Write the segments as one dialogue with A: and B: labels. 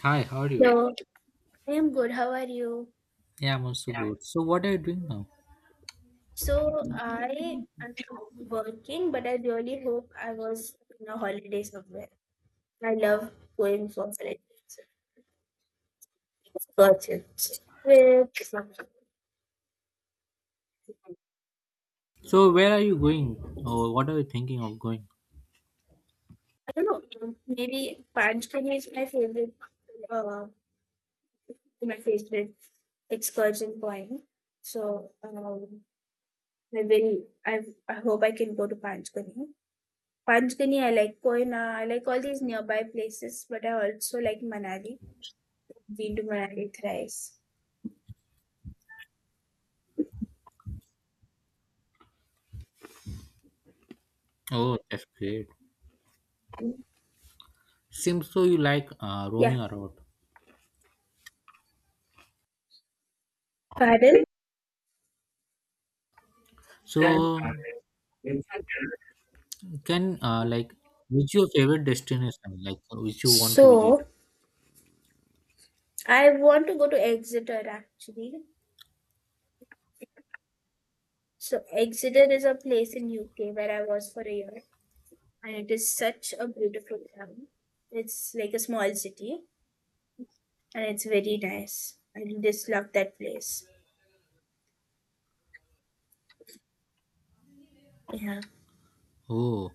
A: Hi, how are you?
B: Hello, I am good. How are you?
A: Yeah, I'm also good. So, what are you doing now?
B: So I am working, but I really hope I was in a holiday somewhere. I love going for holidays. Got it. With I
A: So, where are you going? Or what are you thinking of going?
B: don't know, maybe Panchkani is my favorite. Uh, my favorite excursion point. I will. I hope I can go to Panchkani. Panchkani, I like Koina. I like all these nearby places, but I also like Manali. We do thrice.
A: Oh, that's great. Seems so you like
B: Yeah,
A: roaming around.
B: pardon.
A: So, can like which your favorite destination? Like which you want to visit?
B: So I want to go to Exeter actually. So Exeter is a place in UK where I was for a year, and it is such a beautiful town. It's like a small city, and it's very nice. I just love that place. Yeah.
A: Oh,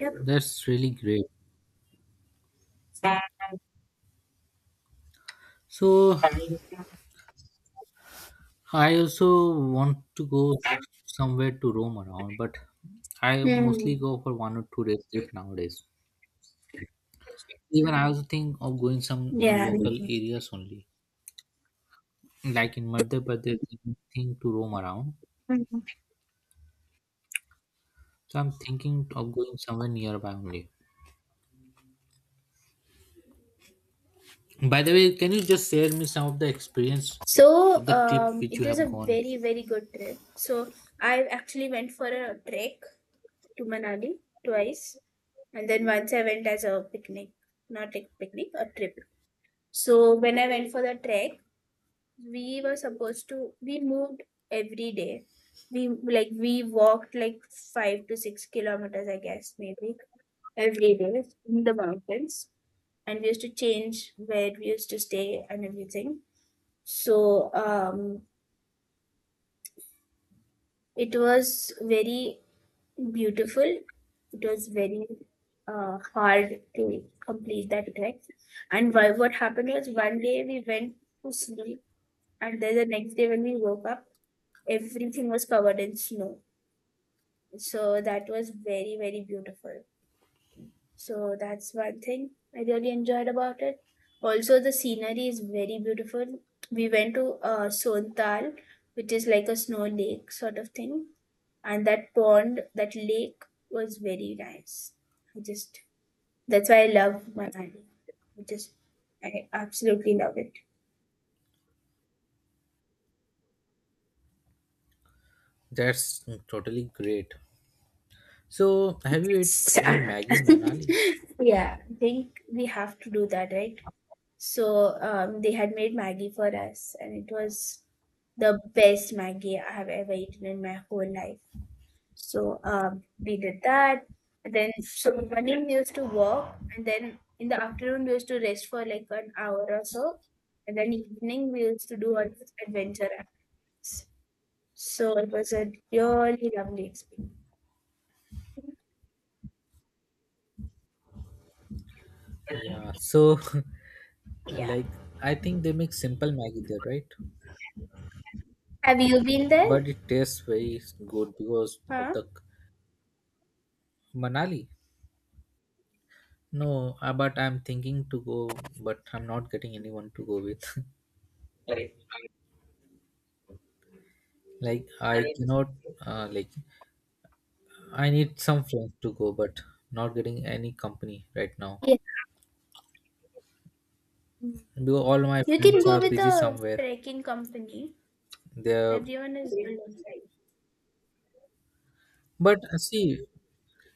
B: Yep.
A: that's really great. So, I also want to go somewhere to roam around, but I mostly
B: Mm.
A: go for 1 or 2 days trip nowadays. Even I also think of going some
B: Yeah, me
A: local
B: too.
A: areas only. Like in Madhya Pradesh, there's nothing to roam around.
B: Mhm.
A: So I'm thinking of going somewhere nearby only. By the way, can you just share me some of the experience
B: So,
A: of the trip which
B: it
A: you
B: was
A: have
B: a
A: gone?
B: very, very good trip. So, I actually went for a trek to Manali twice. And then once I went as a picnic, not a picnic, a trip. So when I went for the trek, we were supposed to, we moved every day. We walked like 5 to 6 kilometers, I guess, maybe every day in the mountains. And we used to change where we used to stay and everything. So um, it was very beautiful. It was very hard to complete that trek. And why, what happened was one day we went to sleep, and then the next day when we woke up, everything was covered in snow. So that was very, very beautiful. So that's one thing I really enjoyed about it. Also, the scenery is very beautiful. We went to Sontal, which is like a snow lake sort of thing, and that pond, that lake was very nice. I just that's why I love Manali. I just I absolutely love it.
A: That's totally great. So have you ate
B: It's,
A: the
B: yeah,
A: Maggie in Manali?
B: I think we have to do that, right? They had made Maggie for us, and it was the best Maggie I have ever eaten in my whole life. We did that. And then so morning we used to walk, and then in the afternoon we used to rest for like an hour or so, and then evening we used to do our adventure acts. So it was a really lovely experience.
A: Yeah. So
B: Yeah.
A: like I think they make simple Maggie there, right?
B: Have you been there?
A: But it tastes very good because of
B: Huh?
A: the Manali. No, but I'm thinking to go, but I'm not getting anyone to go with. Like I cannot like I need some friends to go, but not getting any company right now
B: Yeah. Mm.
A: because all my
B: You can
A: friends
B: go
A: are
B: with
A: busy
B: a
A: somewhere.
B: trekking company.
A: They're
B: Everyone is alongside.
A: but see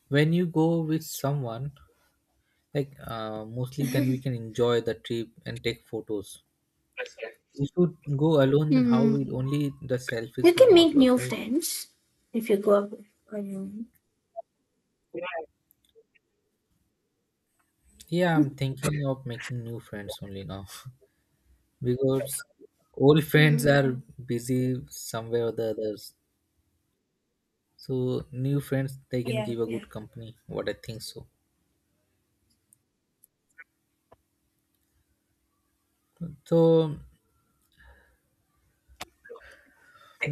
A: when you go with someone like mostly then we can enjoy the trip and take photos. If you go alone, then how will
B: Mm.
A: only the
B: You
A: selfies will
B: can
A: not
B: make
A: work,
B: new
A: right?
B: friends if you go up on your own.
A: Yeah, I'm thinking of making new friends only now because old friends are
B: Mm.
A: busy somewhere or the others. So new friends they can
B: Yeah,
A: give a
B: yeah.
A: good company what I think so. So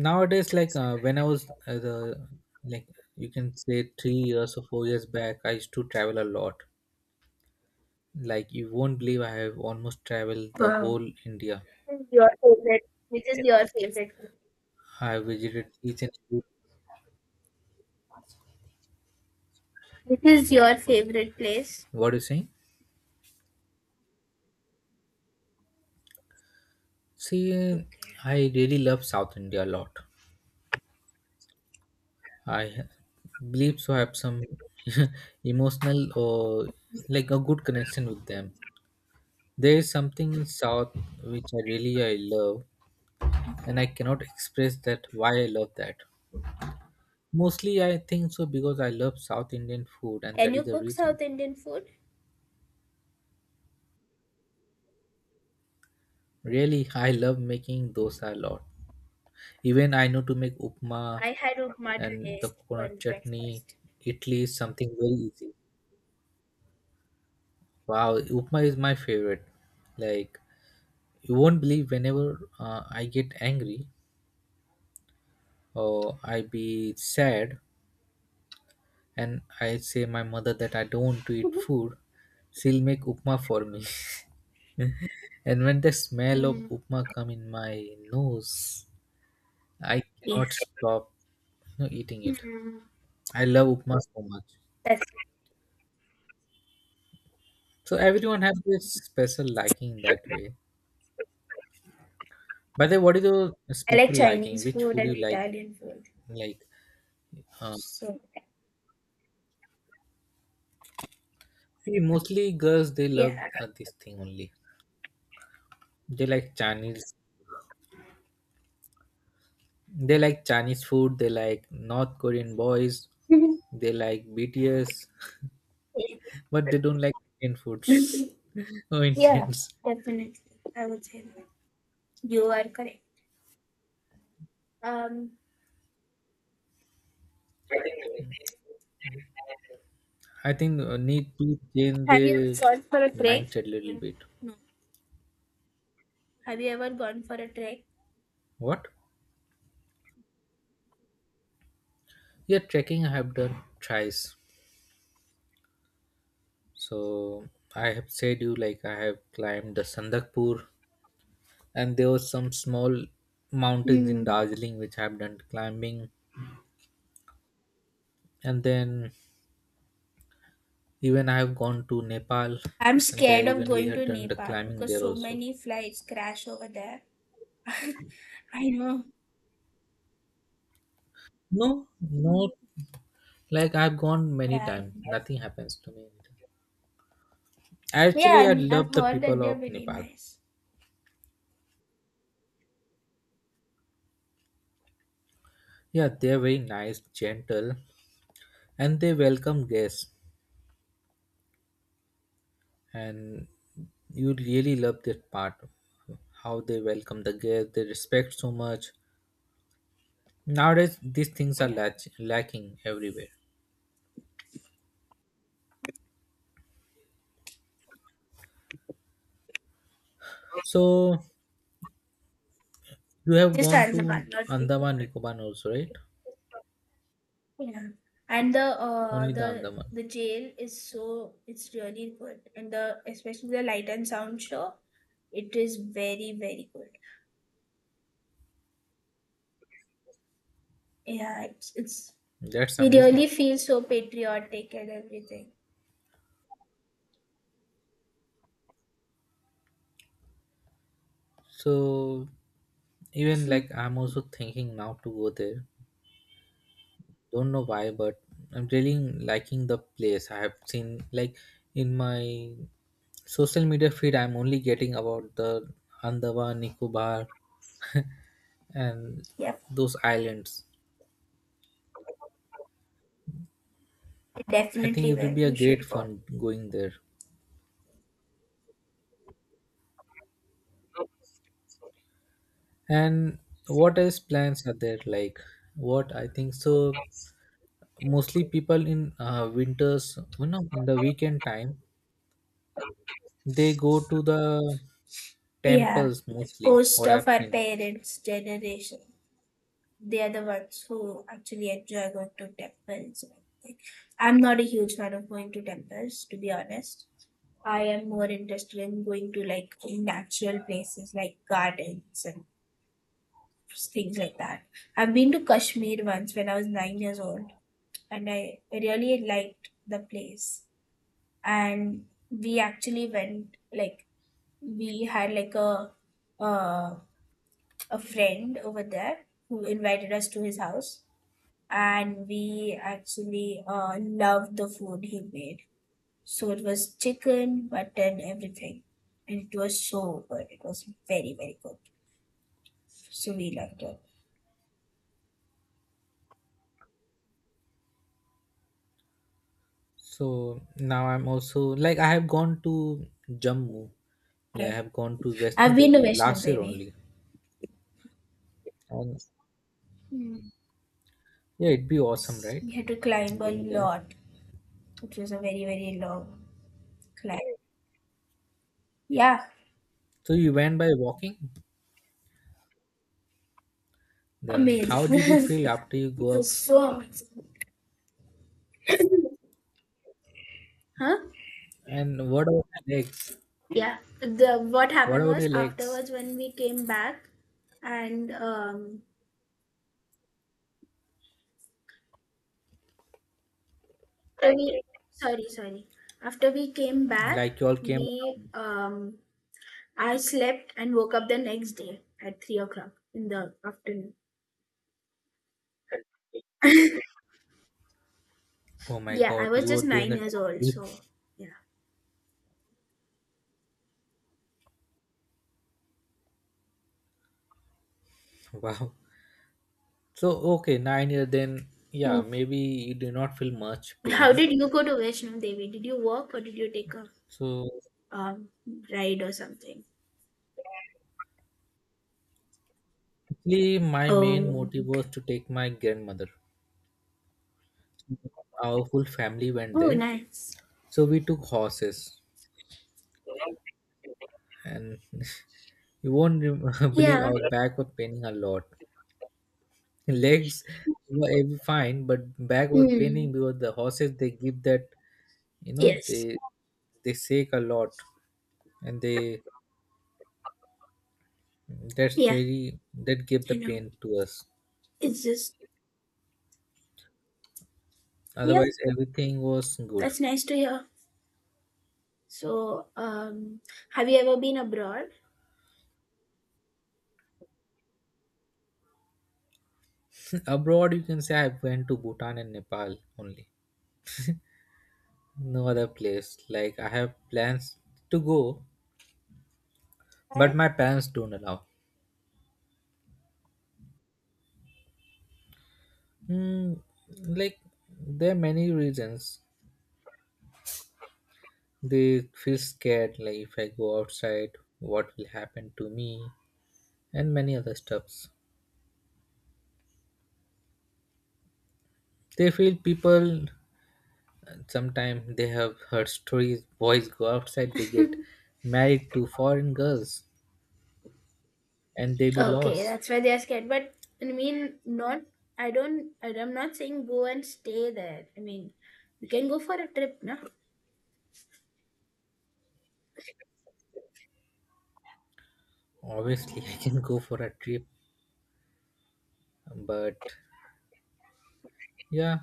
A: nowadays like when I was the like you can say 3 years or 4 years back I used to travel a lot. Like you won't believe I have almost traveled the
B: Wow.
A: whole India.
B: This is your favorite. This is your favorite.
A: I visited each and every
B: This is your favorite place.
A: what are you saying. See,
B: Okay.
A: I really love South India a lot. I believe so I have some emotional or like a good connection with them. There is something in South which I really I love,
B: Okay.
A: and I cannot express that why I love that. Mostly, I think so because I love South Indian food, and
B: Can
A: that
B: you
A: is the
B: cook
A: reason.
B: South Indian food?
A: Really, I love making dosa a lot. Even I know to make upma
B: I had upma
A: and
B: today
A: the
B: for
A: coconut chutney.
B: breakfast.
A: Italy is something very easy. Wow, upma is my favorite. Like you won't believe whenever I get angry or I be sad, and I say my mother that I don't want to eat food, she'll make upma for me. And when the smell of
B: Hmm.
A: upma come in my nose, I
B: Yeah.
A: cannot stop, you know, eating it.
B: Hmm.
A: I love upma so much.
B: That's.
A: So everyone has this special liking that way. By the way, what is your
B: I like
A: special liking?
B: Chinese
A: Which
B: food
A: food
B: and
A: you like?
B: Italian food.
A: Like, uh,
B: So
A: see, mostly girls they
B: yeah.
A: love this thing only. They like Chinese. They like Chinese food. They like North Korean boys.
B: Mhm.
A: They like BTS. But they don't like Indian foods
B: yeah.
A: or Indians.
B: Definitely, I would say that. You are correct. Um,
A: I think need to change
B: have you ever
A: the
B: gone for a trek?
A: mindset a little bit.
B: No. Have you ever gone for a trek?
A: What? Yeah, trekking I have done thrice. So I have said you like I have climbed the Sandakpur, and there was some small mountains
B: Hmm.
A: in Darjeeling which I have done climbing. And then even I have gone to Nepal,
B: I'm
A: and there
B: scared of
A: even we
B: going
A: had
B: to
A: done the
B: Nepal
A: climbing
B: because
A: there
B: so
A: also.
B: many flights crash over there. I know.
A: No, not like I've gone many
B: Yeah,
A: times.
B: I
A: Nothing happens to me.
B: yeah,
A: Actually, I
B: and I've
A: love the
B: heard that
A: people
B: they're
A: of
B: very
A: Nepal.
B: nice.
A: Yeah, they're very nice, gentle, and they welcome guests. And you really love that part, how they welcome the guests. They respect so much. Nowadays, these things are
B: Yeah,
A: lacking everywhere. So you have
B: just
A: gone to
B: Andaman, not
A: Andaman
B: before.
A: Nicobar also, right?
B: Yeah, and the uh
A: Only the
B: the
A: Andaman.
B: the jail is so it's really good, and the especially the light and sound show, it is very, very good. Yeah, it's
A: That's
B: we
A: amazing.
B: really feel so patriotic and everything.
A: So even like I'm also thinking now to go there, don't know why, but I'm really liking the place. I have seen like in my social media feed I'm only getting about the Andaman Nicobar and
B: Yep,
A: those islands. I think
B: definitely
A: it will
B: well.
A: be a
B: You
A: great
B: should go.
A: fun going there. And what else plans are there, like what I think so, mostly people in winters, you know, in the weekend time they go to the
B: Yeah,
A: temples mostly
B: most
A: what
B: of
A: I've
B: our
A: seen.
B: parents' generation, they are the ones who actually enjoy going to temples, and everything. I'm not a huge fan of going to temples, to be honest. I am more interested in going to like natural places like gardens and things like that. I've been to Kashmir once when I was 9 years old, and I really liked the place. And we actually went like we had like a uh a friend over there who invited us to his house, and we actually loved the food he made. So it was chicken, mutton, everything, and it was so good. It was very, very good. So we loved it.
A: So now I'm also like I have gone to Jammu. Like I
B: Yeah.
A: have gone to Vaishno
B: I've been to
A: Devi
B: Vaishno
A: last year
B: Devi.
A: only. And
B: Mm.
A: yeah, it'd be awesome, right?
B: We had to climb a
A: Going there.
B: lot. It was a very, very long climb. Yeah,
A: So you went by walking. Then how
B: amazing.
A: did you feel after you go
B: It
A: up?
B: was so amazing. Huh?
A: And what about your legs?
B: Yeah, the what
A: What
B: happened
A: about
B: was
A: your legs?
B: afterwards when we came back and we sorry, sorry, after we came back
A: Like you all came
B: we
A: down.
B: I slept and woke up the next day at 3 o'clock in the afternoon.
A: Oh my
B: Yeah, I
A: god,
B: was
A: you were
B: just
A: there in
B: nine
A: the
B: years old,
A: deep.
B: so yeah.
A: Wow. So okay, 9 year then yeah,
B: Mm.
A: maybe you do not feel much
B: How
A: pain.
B: did you go to Vaishno Devi? Did you walk or did you take a
A: So
B: um, ride or something?
A: actually, my main
B: Oh,
A: motive was
B: okay.
A: to take my grandmother. Our full family went
B: Oh,
A: there,
B: nice.
A: so we took horses, and you won't rem- believe
B: Yeah.
A: our back was paining a lot. Legs were fine, but back was
B: Mm.
A: paining because the horses they give that, you know,
B: Yes.
A: they shake a lot, and they, that's
B: Yeah.
A: really that gave the
B: I know.
A: pain to us.
B: It's just, yeah,
A: Otherwise, everything was good.
B: that's nice to hear. So, um, have you ever been abroad?
A: Abroad, you can say I went to Bhutan and Nepal only. No other place. Like I have plans to go, but
B: Why?
A: my parents don't allow. Hmm, like there are many reasons. They feel scared. Like if I go outside, what will happen to me, and many other stuffs. They feel people. Sometimes they have heard stories. Boys go outside. They get married to foreign girls, and they be
B: Okay,
A: lost.
B: that's why they are scared. But I mean, not. I don't. I- I'm not saying go and stay there. I mean, you can go for a trip, no?
A: Obviously, I can go for a trip, but yeah,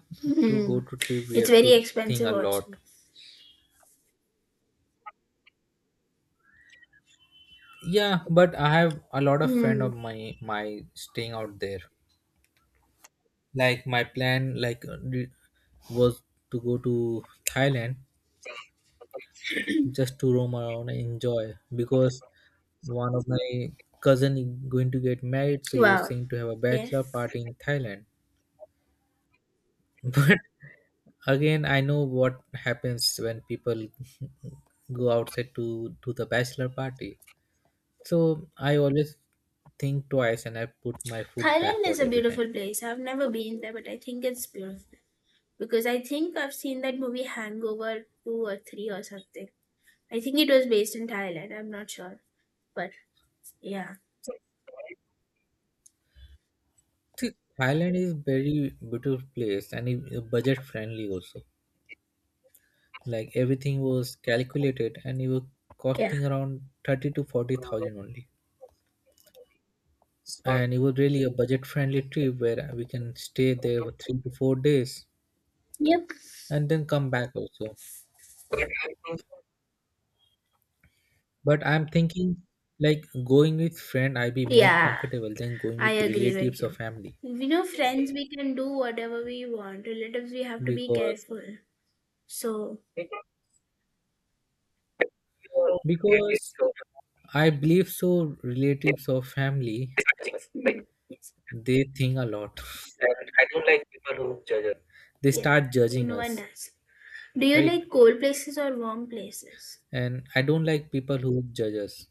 A: to
B: Hmm.
A: go to trip, we
B: It's
A: have
B: very
A: to think
B: expensive
A: a
B: also.
A: lot. Yeah, but I have a lot of friend
B: Hmm.
A: of my staying out there. Like my plan, like was to go to Thailand just to roam around and enjoy because one of my cousin is going to get married, so he was
B: Wow.
A: saying to have a
B: Okay.
A: bachelor party in Thailand. But again, I know what happens when people go outside to do the bachelor party. So I always think twice and I put my foot
B: Thailand is
A: backward
B: a
A: every time.
B: beautiful place. I've never been there, but I think it's beautiful because I think I've seen that movie Hangover two or three or something. I think it was based in Thailand. I'm not sure, but yeah.
A: See, Thailand is very beautiful place and budget friendly also. Like everything was calculated and it was
B: Yeah.
A: costing around thirty to forty thousand only. And it was really a budget friendly trip where we can stay there for 3 to 4 days
B: Yep.
A: and then come back also. But I'm thinking like going with friend I'll be more
B: Yeah.
A: comfortable than going
B: I
A: with
B: agree with
A: relatives or
B: you.
A: family.
B: We know friends we can do whatever we want. Relatives we have to be
A: because
B: careful. So
A: because I believe so. Relatives or family,
B: mm, yes.
A: they think a lot. They
B: Yeah.
A: start judging
B: No one
A: us,
B: does. Do you
A: right?
B: like cold places or warm places?
A: And I don't like people who judge us.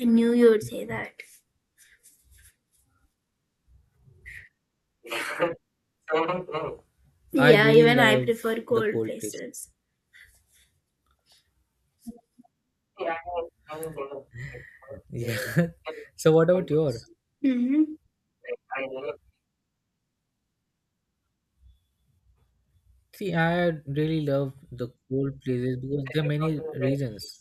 B: I knew you would say that.
A: I
B: Yeah,
A: really
B: even I
A: love
B: prefer
A: the
B: cold
A: cold places.
B: places.
A: Yeah. So what about your?
B: Mm-hmm.
A: See, I really love the cold places because there are many reasons.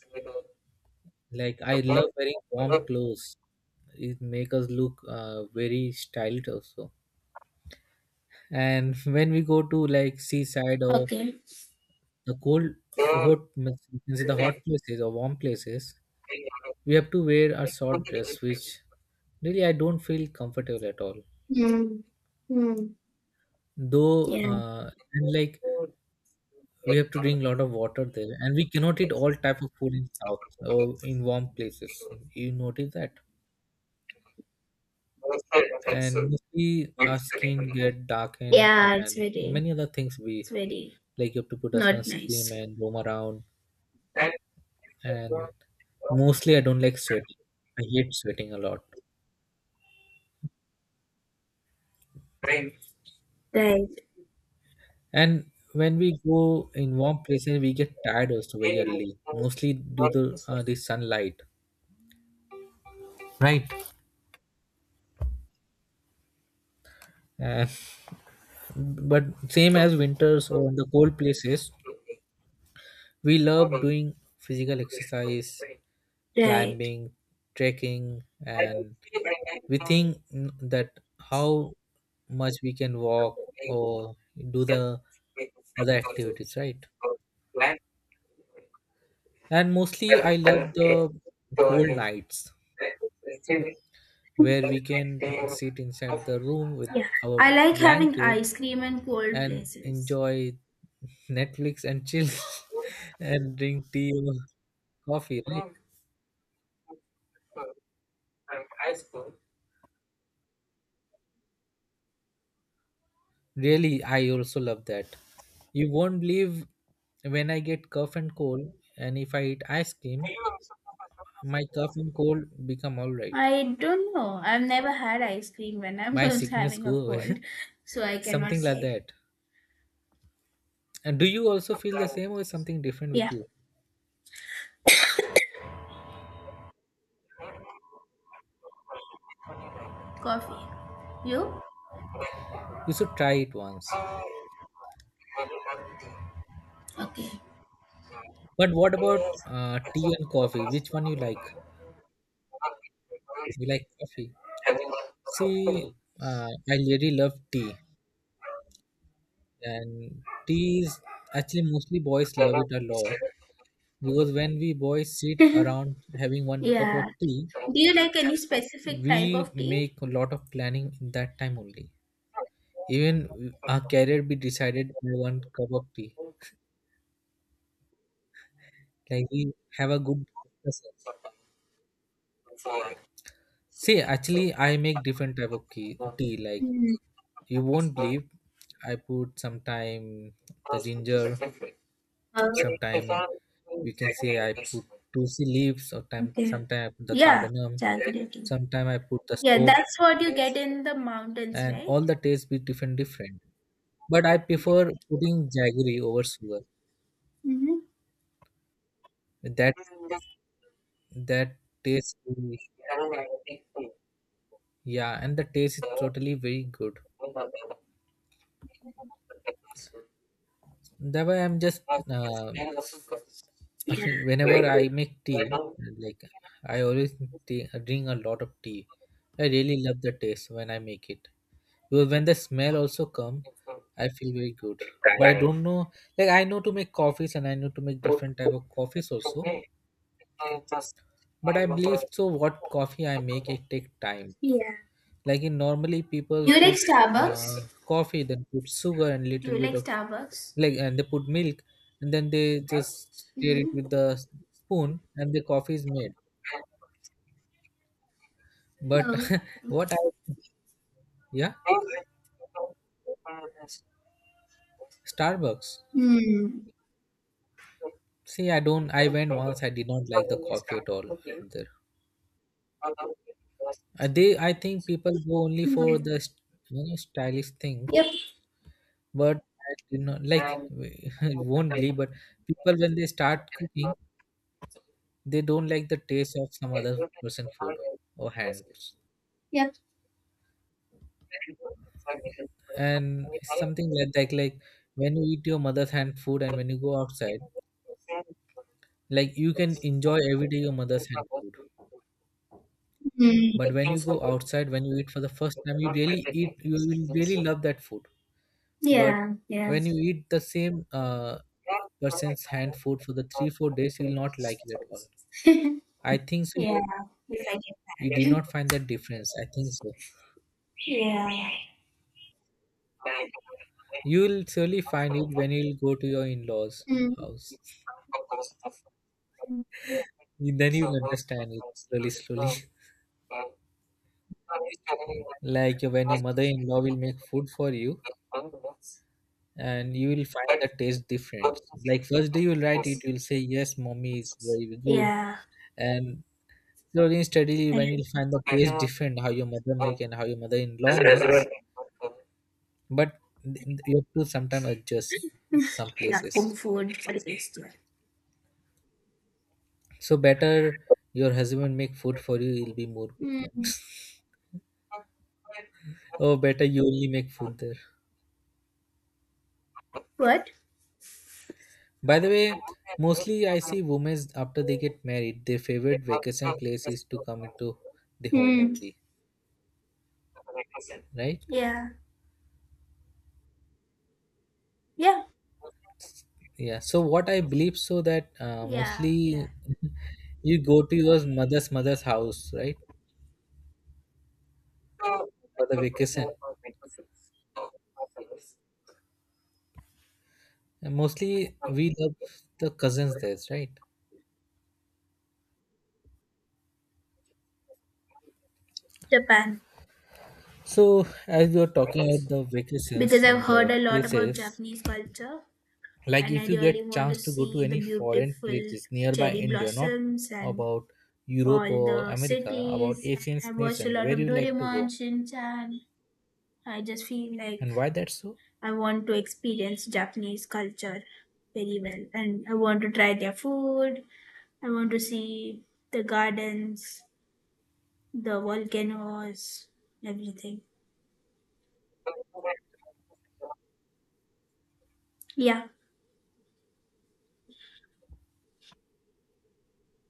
A: Like I love wearing warm clothes. It make us look very stylish also. And when we go to like seaside or
B: Okay.
A: the cold hot, means you can say the hot places or warm places, we have to wear a short dress which really I don't feel comfortable at all
B: Mm. Mm.
A: though.
B: Yeah.
A: And like we have to drink a lot of water there, and we cannot eat all type of food in south or in warm places. You notice that. And mostly our skin get darkened
B: Yeah, it's
A: and
B: very
A: many other things. We
B: it's very
A: like you have to put a
B: not
A: sunscreen
B: nice.
A: and roam around. And mostly I don't like sweating. I hate sweating a lot.
B: Right,
A: And when we go in warm places, we get tired also very early, mostly due to the sunlight, right? And, but same as winters or in the cold places, we love doing physical exercise,
B: right.
A: climbing, trekking, and we think that how much we can walk or do the other activities, right? And mostly, I love the cold nights where we can sit inside the room with
B: Yeah, I
A: our
B: like having
A: blanket
B: ice cream in cold
A: and
B: places.
A: enjoy Netflix and chill and drink tea or coffee, right? Really, I also love that. You won't believe when I get cough and cold, and if I eat ice cream, my cough and cold become all right.
B: I don't know. I've never had ice cream when I
A: My
B: was
A: sickness
B: having a
A: go away,
B: cold, so I cannot
A: something like
B: say.
A: that. And do you also feel the same, or is something different
B: Yeah,
A: with you?
B: coffee. You?
A: You should try it once.
B: Okay.
A: But what about tea and coffee? Which one you like? You like coffee? See, I really love tea, and tea is actually mostly boys love it a lot because when we boys sit around having one cup
B: Yeah.
A: of tea,
B: Do you like any specific type
A: we
B: of tea?
A: make a lot of planning in that time only. Even our career be decided by one cup of tea. Like we have a good discussion. See, actually, I make different tea. Like
B: Mm,
A: you won't believe. I put sometime the ginger,
B: uh,
A: sometime you can say I put tulsi leaves, or time
B: okay.
A: sometime I put the
B: Yeah,
A: cardamom,
B: jaggery tea.
A: sometime I put the
B: Yeah,
A: soap,
B: that's what you get in the mountains,
A: and
B: right?
A: all the taste be different different. But I prefer putting jaggery over sugar.
B: Mm-hmm.
A: That that taste, yeah, and the taste is totally very good. That way I'm just uh, Whenever I make tea, like I always drink a lot of tea. I really love the taste when I make it. Because when the smell also come, I feel very good. But I don't know, like I know to make coffees and I know to make different type of coffees also. But I believe so. What coffee I make, it take time.
B: Yeah.
A: Like in normally
B: Do
A: people
B: you like
A: put
B: Starbucks?
A: coffee, then put sugar and
B: Do you
A: little bit
B: like
A: of
B: Starbucks?
A: like, and they put milk, and then they just stir it
B: Mm-hmm.
A: with the spoon, and the coffee is made. But
B: Oh.
A: what I yeah, Starbucks.
B: Mm.
A: See, I don't. I went once. I did not like the coffee at all out there. I think people go only for
B: Mhm.
A: the stylish
B: Yep,
A: things. But I did not like. You won't believe, but people when they start cooking, they don't like the taste of some other person food or hands.
B: yep.
A: And something like that, like when you eat your mother's hand food and when you go outside, like you can enjoy every day your mother's hand food. But
B: Mm.
A: when you go outside, when you eat for the first time, you really eat, you will really love that food. But
B: Yeah, yeah,
A: when you eat the same person's hand food for the three, 4 days, you will not like it at all. I think so.
B: yeah.
A: You,
B: Yes, I
A: you
B: get
A: did
B: that.
A: not find that difference. I think so.
B: Yeah,
A: You will surely find it when you will go to your in laws'
B: mm,
A: house. Then you will understand it slowly, slowly. Like when your mother in law will make food for you and you will find the taste different. Like first day you'll write it, you'll say, yes, mommy is very good.
B: yeah.
A: And slowly and steadily
B: And
A: when you'll find the taste different how your mother make and how your mother-in-law makes, but you have to sometimes adjust some
B: yeah, home
A: places.
B: food for the taste. Yeah.
A: So better your husband make food for you, he'll be more prepared.
B: Mm.
A: Or better you only make food there.
B: What?
A: By the way, mostly I see women after they get married, their favorite vacation place is to come into the home
B: Mm.
A: only, right?
B: Yeah, yeah,
A: Yeah, so what I believe so that
B: yeah, yeah.
A: mostly you go to your mother's mother's house, right? For the vacation. And mostly we love the cousins there, right?
B: Japan,
A: So as we are talking about the vacations
B: because I've
A: and
B: heard
A: the
B: a lot about
A: places,
B: Japanese culture,
A: like
B: and I
A: if you
B: really
A: get
B: want to
A: chance to go to
B: see the
A: any foreign
B: beautiful
A: places nearby
B: cherry
A: India, not
B: blossoms and
A: about
B: all
A: Europe or
B: the
A: America, about
B: cities. And
A: Asian
B: I watched a
A: nations,
B: lot
A: where
B: of
A: you like to
B: Doraemon,
A: go
B: Shin-chan, I just feel like
A: and why that's so?
B: I want to experience Japanese culture very well and I want to try their food. I want to see the gardens, the volcanoes, everything. Yeah.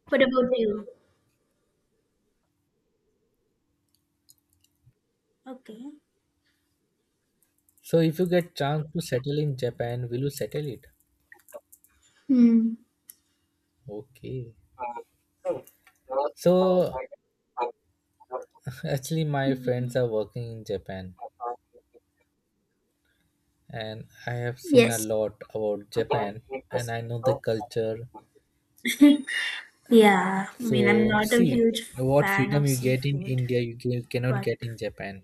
B: What about you? Okay.
A: So if you get chance to settle in Japan, will you settle it?
B: Hmm.
A: Okay. So actually my
B: Hmm.
A: friends are working in Japan and I have seen a
B: Yes.
A: lot about Japan and I know the culture.
B: Yeah. I mean, I'm
A: So,
B: not a
A: see
B: huge
A: what
B: fan of
A: freedom you get in
B: seafood,
A: India, you cannot
B: but
A: get in Japan.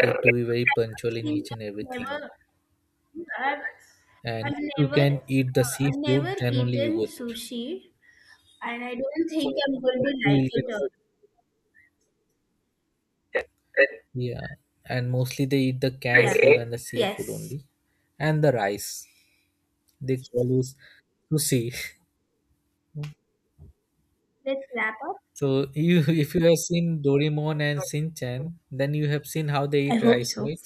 A: You have to be very
B: I
A: punctual in
B: think
A: each and
B: I've
A: everything.
B: never, I've,
A: And if you can eat the
B: I've never
A: seafood, then only you
B: eaten
A: go there.
B: sushi. And I don't think I'm going
A: Mostly,
B: to like it. Or,
A: Yeah, and mostly they eat the canned
B: yeah.
A: food and the seafood
B: Yes.
A: only, and the rice. They call us sushi.
B: Let's wrap up.
A: So if you have seen Doraemon and Shinchan, then you have seen how they
B: I
A: eat
B: hope
A: rice,
B: so.
A: right?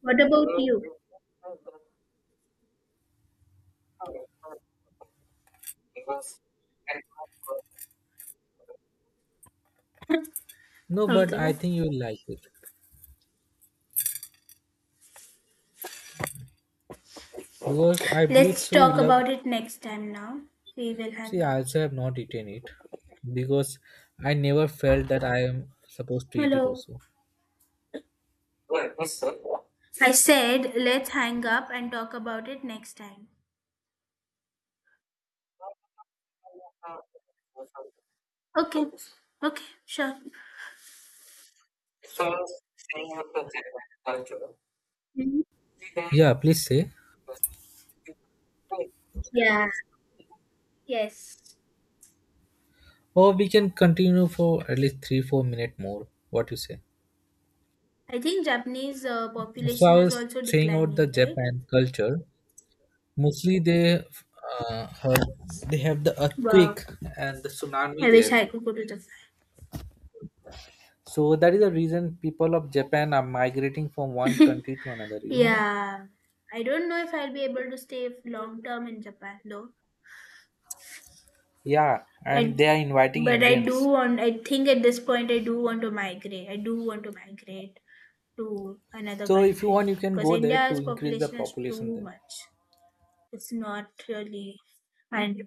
B: What about you?
A: No, but
B: Okay.
A: I think you'll like it because I believe
B: Let's
A: so. You
B: talk
A: love.
B: about it next time now. We will
A: See,
B: hang
A: I
B: up.
A: also have not eaten it because I never felt that I am supposed to eat it.
B: Hello.
A: Also,
B: I said let's hang up and talk about it next time. Okay. Okay. Sure. Mhm.
A: yeah. Please say,
B: Yeah. Yes.
A: or we can continue for at least three, 4 minutes more. What you say?
B: I think Japanese
A: So I
B: population is
A: was
B: also
A: saying about the
B: declining, right?
A: Japan culture. Mostly uh, heard, they have the
B: Wow.
A: earthquake and the tsunami
B: I wish
A: there.
B: I could go to Japan.
A: So that is the reason people of Japan are migrating from one country to another. You know that.
B: Yeah, I don't know if I'll be able to stay long term in Japan though.
A: Yeah, and
B: I,
A: they are inviting
B: but I do
A: Indians.
B: want, I think at this point, I do want to migrate. I do want to migrate to another
A: So if you want,
B: country
A: you can
B: because
A: go there
B: India's
A: to increase the
B: population is
A: population
B: too
A: there.
B: much. It's not really. And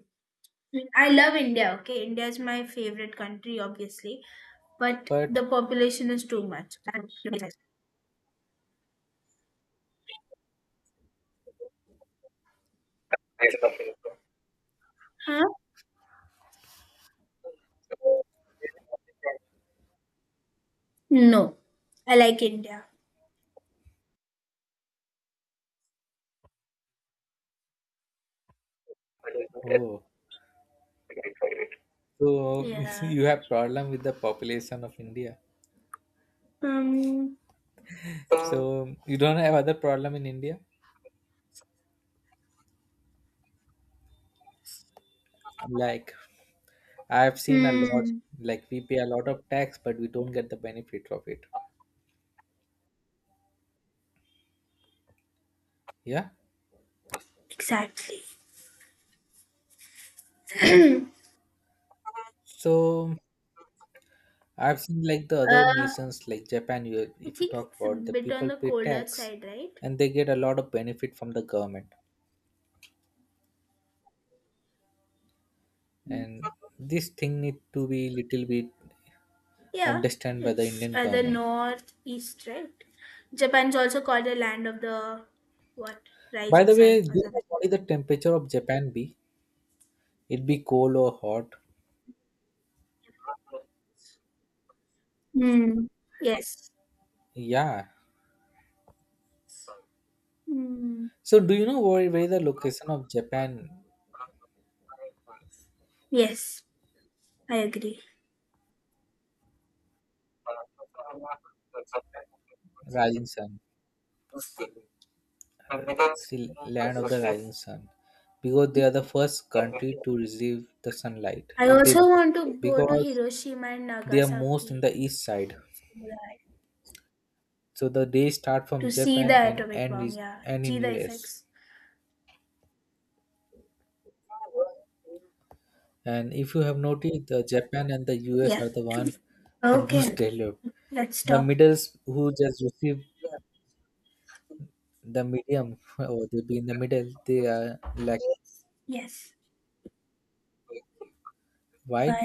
B: I love India, okay? India is my favorite country, obviously, but
A: But
B: the population is too much. Huh? No, I like India.
A: oh, so
B: Yeah.
A: you have problem with the population of India.
B: Um,
A: So you don't have other problem in India. Like I have seen a lot.
B: hmm.
A: Like we pay a lot of tax, but we don't get the benefit of it. Yeah.
B: Exactly.
A: So I've seen like the other
B: Uh,
A: nations, like Japan.
B: I
A: If you
B: think
A: talk
B: it's a
A: about the
B: bit on
A: people
B: the
A: pay
B: colder
A: tax,
B: side, right?
A: and they get a lot of benefit from the government.
B: Mm.
A: And this thing need to be little bit
B: Yeah,
A: understand by the
B: it's
A: Indian
B: the
A: government.
B: northeast, right? Japan's also called the land of the what?
A: By
B: Rising
A: the way,
B: sun
A: do
B: or
A: you know
B: something.
A: what is the temperature of Japan be? It be cold or hot?
B: Mm, yes.
A: Yeah,
B: Mm,
A: so do you know where is the location of Japan?
B: yes, I agree.
A: Rising sun. See, land of the rising sun. Because they are the
B: Mm.
A: first country to receive the sunlight.
B: I
A: They
B: also want to go to
A: Because
B: Hiroshima and
A: they are most in
B: Nagasaki
A: the east side.
B: so
A: So the day start
B: to
A: from
B: see
A: Japan
B: the
A: and
B: atomic bomb. Yeah,
A: end
B: see
A: in
B: the
A: US.
B: effects.
A: And if you have noticed, Japan and the US
B: Yeah.
A: are the one the most
B: Okay,
A: developed.
B: let's
A: The
B: stop.
A: middles who just receive the medium or they be in the middle, they are like,
B: Yes.
A: why
B: Bye.
A: to